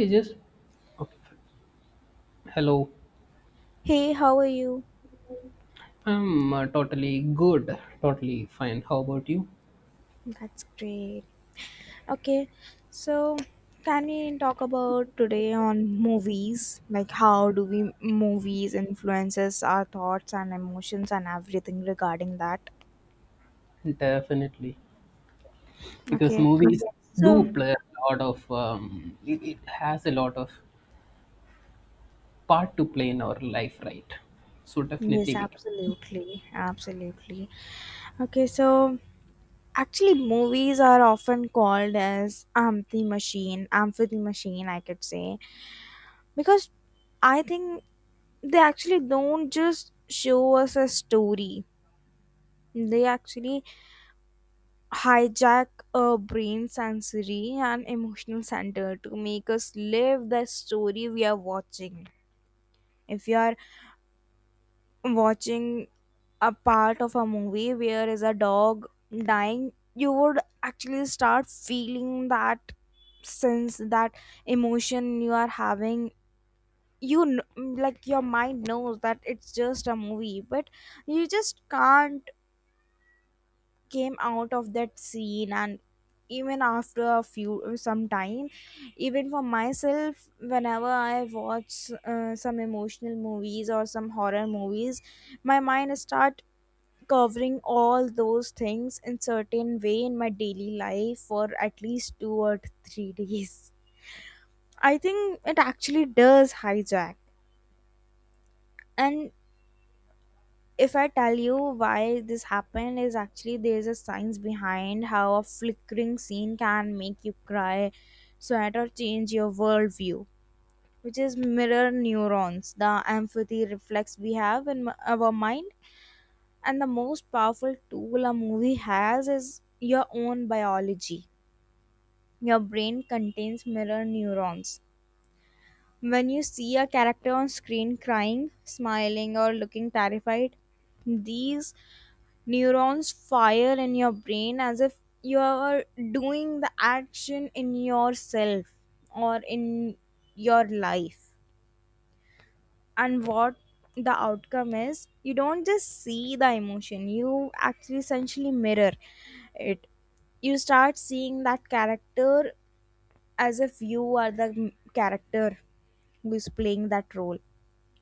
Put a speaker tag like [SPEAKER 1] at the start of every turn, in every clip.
[SPEAKER 1] He just okay, fine. Hello.
[SPEAKER 2] Hey, how are you?
[SPEAKER 1] I'm totally good, totally fine. How about you?
[SPEAKER 2] That's great. Okay, so can we talk about today on movies? Like, how do we movies influences our thoughts and emotions and everything regarding that?
[SPEAKER 1] Definitely, because
[SPEAKER 2] Okay,
[SPEAKER 1] movies
[SPEAKER 2] so
[SPEAKER 1] do play a lot of. It has a lot of part to play in our life, right? So
[SPEAKER 2] yes,
[SPEAKER 1] definitely we can.
[SPEAKER 2] absolutely, absolutely. Okay, so actually, movies are often called as empathy machine, I could say, because I think they actually don't just show us a story. They actually hijack our brain sensory and emotional center to make us live the story we are watching. If you are watching a part of a movie where is a dog dying, you would actually start feeling that sense, that emotion you are having. Like your mind knows that it's just a movie, but you just can't came out of that scene, and even after a few some time, even for myself, whenever I watch some emotional movies or some horror movies, my mind start covering all those things in certain way in my daily life for at least 2 or 3 days. I think it actually does hijack. And if I tell you why this happened, is actually there's a science behind how a flickering scene can make you cry, sweat, or change your worldview, which is mirror neurons, the empathy reflex we have in our mind. And the most powerful tool a movie has is your own biology. Your brain contains mirror neurons. When you see a character on screen crying, smiling, or looking terrified, these neurons fire in your brain as if you are doing the action in yourself or in your life. And what the outcome is, you don't just see the emotion, you actually essentially mirror it. You start seeing that character as if you are the character who is playing that role.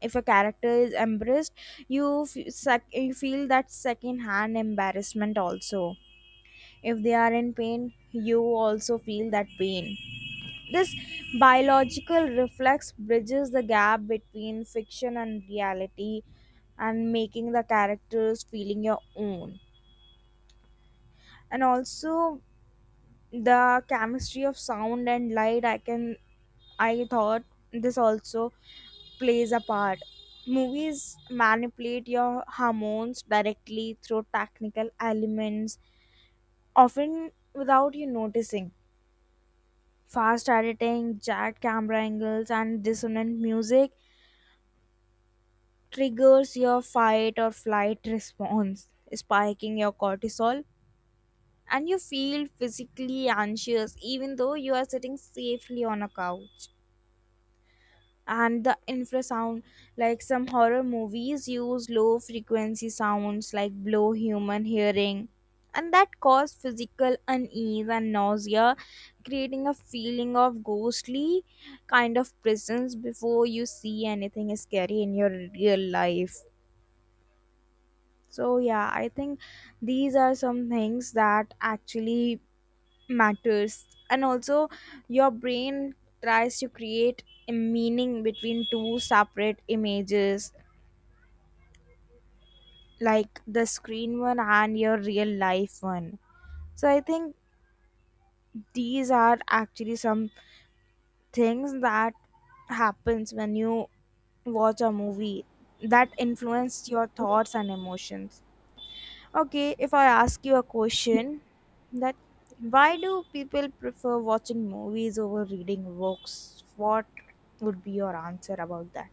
[SPEAKER 2] If a character is embarrassed, you feel that second hand embarrassment also. If they are in pain, you also feel that pain. This biological reflex bridges the gap between fiction and reality and making the characters feeling your own. And also the chemistry of sound and light, I thought this also plays a part. Movies manipulate your hormones directly through technical elements, often without you noticing. Fast editing, jagged camera angles, and dissonant music triggers your fight or flight response, spiking your cortisol, and you feel physically anxious even though you are sitting safely on a couch. And the infrasound, like some horror movies use low frequency sounds like blow human hearing, and that cause physical unease and nausea, creating a feeling of ghostly kind of presence before you see anything scary in your real life. So yeah, I think these are some things that actually matters. And also your brain tries to create a meaning between two separate images, like the screen one and your real life one. So I think these are actually some things that happens when you watch a movie that influence your thoughts and emotions. Okay, if I ask you a question, that why do people prefer watching movies over reading books? What would be your answer about that?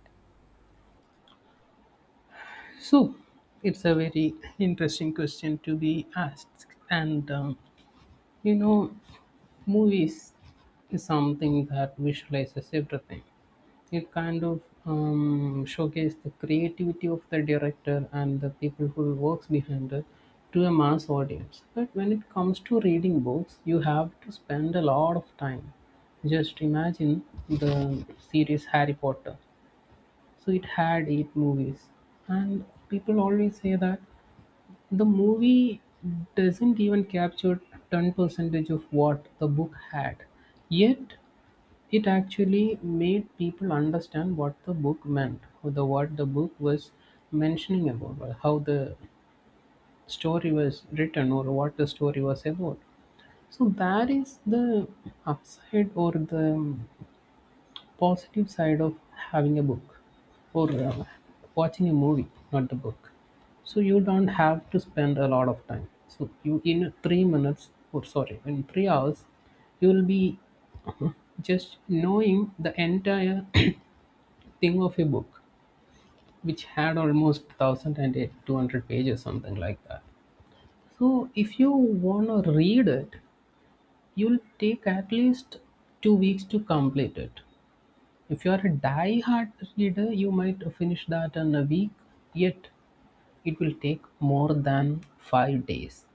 [SPEAKER 1] So it's a very interesting question to be asked, and you know, movies is something that visualizes everything. It kind of showcases the creativity of the director and the people who works behind it to a mass audience. But when it comes to reading books, you have to spend a lot of time. Just imagine the series Harry Potter. So it had eight movies, and people always say that the movie doesn't even capture 10% of what the book had, yet, it actually made people understand what the book meant, what the book was mentioning about, or how the story was written, or what the story was about. So, that is the upside or the positive side of having a book or watching a movie, not the book. So you don't have to spend a lot of time. So you, in 3 minutes, or sorry, in 3 hours, you will be, uh-huh, just knowing the entire thing of a book which had almost 1,200 pages, something like that. So if you want to read it, you'll take at least 2 weeks to complete it. If you're a die-hard reader, you might finish that in a week, yet it will take more than 5 days.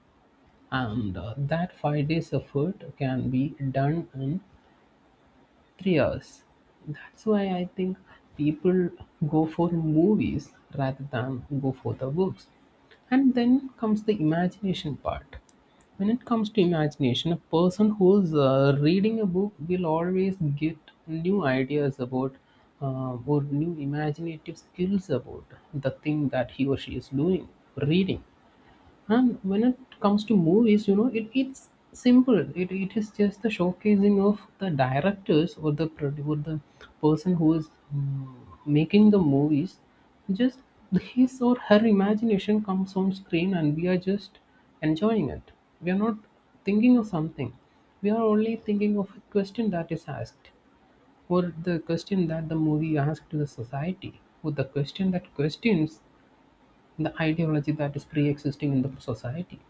[SPEAKER 1] And that 5 days effort can be done in 3 hours. That's why I think people go for movies rather than go for the books. And then comes the imagination part. When it comes to imagination, a person who's reading a book will always get new ideas about or new imaginative skills about the thing that he or she is doing, reading. And when it comes to movies, it's simple. It is just the showcasing of the directors or the or the person who is mm, making the movies. Just his or her imagination comes on screen, and we are just enjoying it. We are not thinking of something. We are only thinking of a question that is asked, or the question that the movie asks to the society, or the question that questions the ideology that is pre-existing in the society.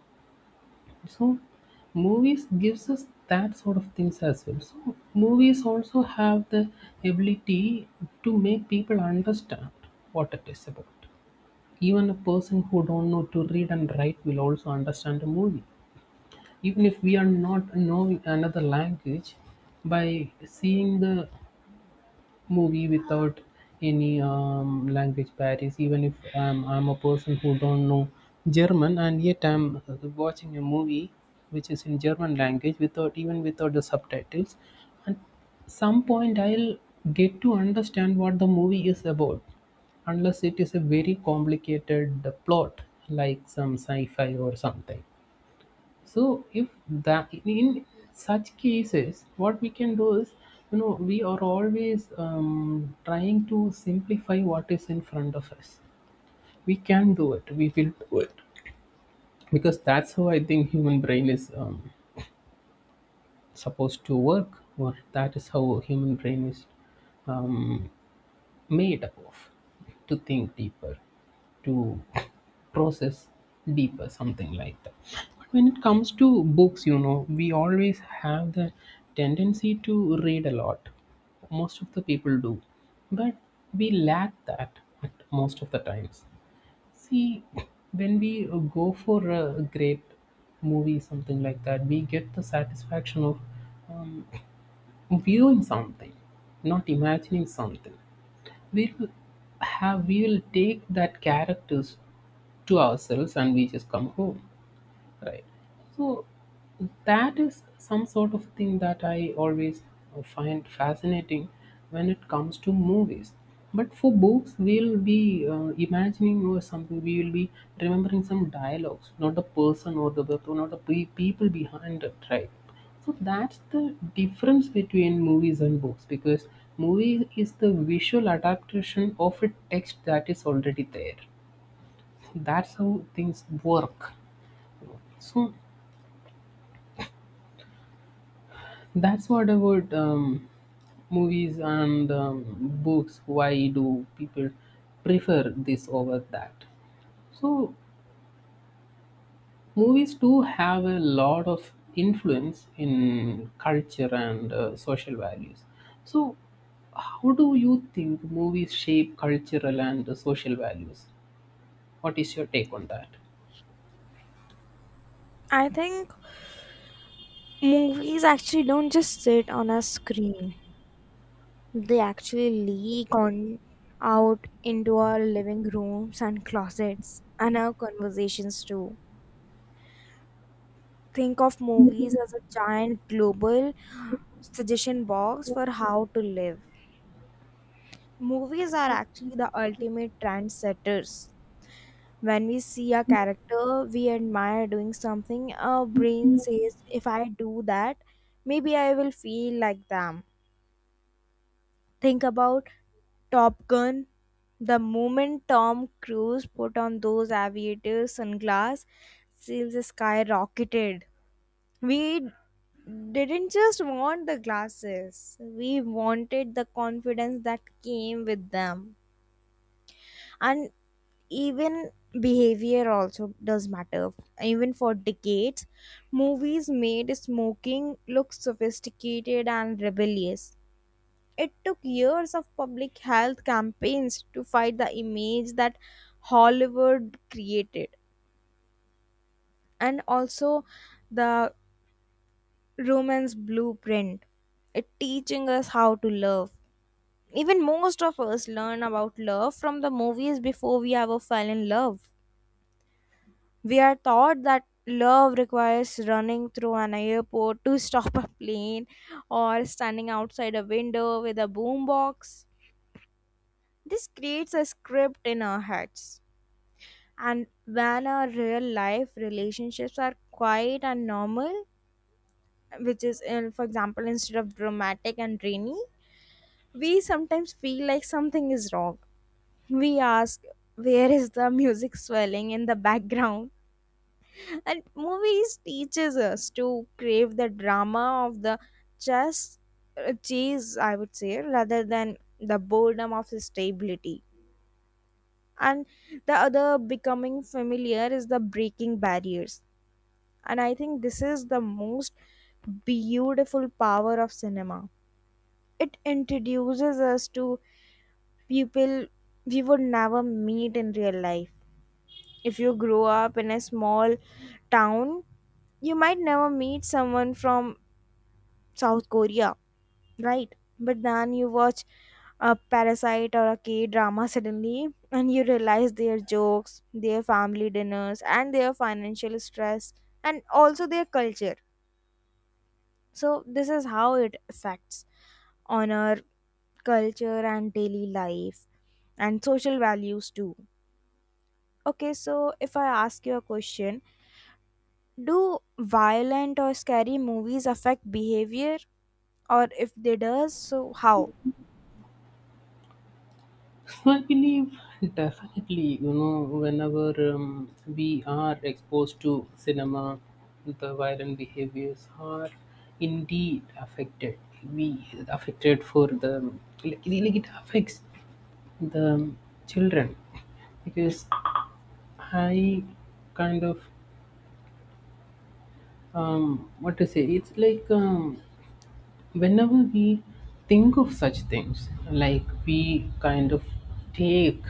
[SPEAKER 1] So movies gives us that sort of things as well. So movies also have the ability to make people understand what it is about. Even a person who don't know to read and write will also understand a movie, even if we are not knowing another language, by seeing the movie without any language barriers. Even if I'm a person who don't know German, and yet I'm watching a movie which is in German language without even without the subtitles, and some point I'll get to understand what the movie is about, unless it is a very complicated plot, like some sci-fi or something. So if that, in such cases, what we can do is, we are always trying to simplify what is in front of us. We can do it, we will do it, because that's how I think human brain is supposed to work, or that is how human brain is um, made up of, to think deeper, to process deeper, something like that. But when it comes to books, we always have the tendency to read a lot. Most of the people do, but we lack that at most of the times. See, when we go for a great movie, something like that, we get the satisfaction of um, viewing something, not imagining something. we will we will take that characters to ourselves and we just come home, right? So that is some sort of thing that I always find fascinating when it comes to movies. But for books, we'll be imagining or something. We will be remembering some dialogues, not the person or the not the people behind it, right? So that's the difference between movies and books, because movie is the visual adaptation of a text that is already there. That's how things work. So that's what about movies and books, why do people prefer this over that. So movies do have a lot of influence in culture and social values. So how do you think movies shape cultural and social values? What is your take on that?
[SPEAKER 2] I think movies actually don't just sit on a screen. They actually leak on out into our living rooms and closets and our conversations too. Think of movies as a giant global suggestion box for how to live. Movies are actually the ultimate trendsetters. When we see a character we admire doing something, our brain says, if I do that, maybe I will feel like them. Think about Top Gun. The moment Tom Cruise put on those aviator sunglasses, sales skyrocketed. We didn't just want the glasses, we wanted the confidence that came with them. And even behavior also does matter. Even for decades, movies made smoking look sophisticated and rebellious. It took years of public health campaigns to fight the image that Hollywood created. And also the romance blueprint, it teaching us how to love. Even most of us learn about love from the movies before we ever fell in love. We are taught that love requires running through an airport to stop a plane, or standing outside a window with a boombox. This creates a script in our heads. And when our real life relationships are quiet and normal, which is, in, for example, instead of dramatic and rainy, we sometimes feel like something is wrong. We ask, where is the music swelling in the background? And movies teaches us to crave the drama of the just chase, I would say, rather than the boredom of stability. And the other becoming familiar is the breaking barriers. And I think this is the most beautiful power of cinema. It introduces us to people we would never meet in real life. If you grow up in a small town, you might never meet someone from South Korea, right? But then you watch a parasite or a K drama suddenly, and you realize their jokes, their family dinners, and their financial stress, and also their culture. So, this is how it affects on our culture and daily life and social values too. Okay, so if I ask you a question, do violent or scary movies affect behavior? Or if they does, so how?
[SPEAKER 1] So, I believe definitely, whenever we are exposed to cinema, the violent behaviors are indeed affected. We affected for the like it affects the children because I kind of what to say. It's like whenever we think of such things, like we kind of take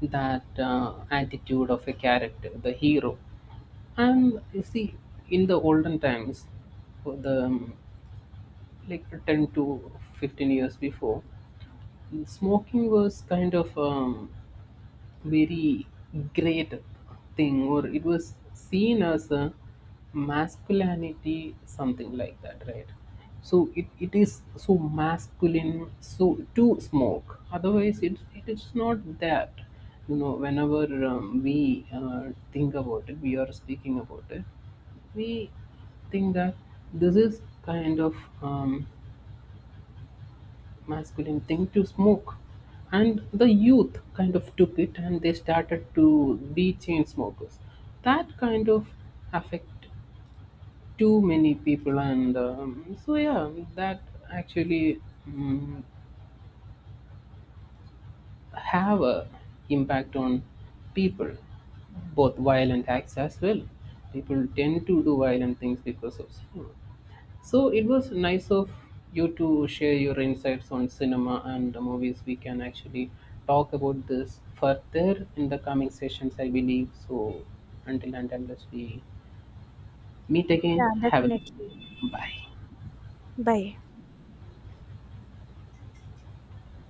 [SPEAKER 1] that attitude of a character, the hero. And you see, in the olden times, for the like 10 to 15 years before, smoking was kind of very great thing, or it was seen as a masculinity, something like that, right? So it is so masculine so to smoke, otherwise it is not that. You know, whenever we think about it, we are speaking about it, we think that this is kind of um, masculine thing to smoke, and the youth kind of took it and they started to be chain smokers. That kind of affect too many people, and so yeah, that actually um, have a impact on people, both violent acts as well. People tend to do violent things because of smoke. So it was nice of you to share your insights on cinema and the movies. We can actually talk about this further in the coming sessions, I believe. So until and unless we meet again,
[SPEAKER 2] Yeah,
[SPEAKER 1] have a
[SPEAKER 2] definitely.
[SPEAKER 1] bye.
[SPEAKER 2] Bye.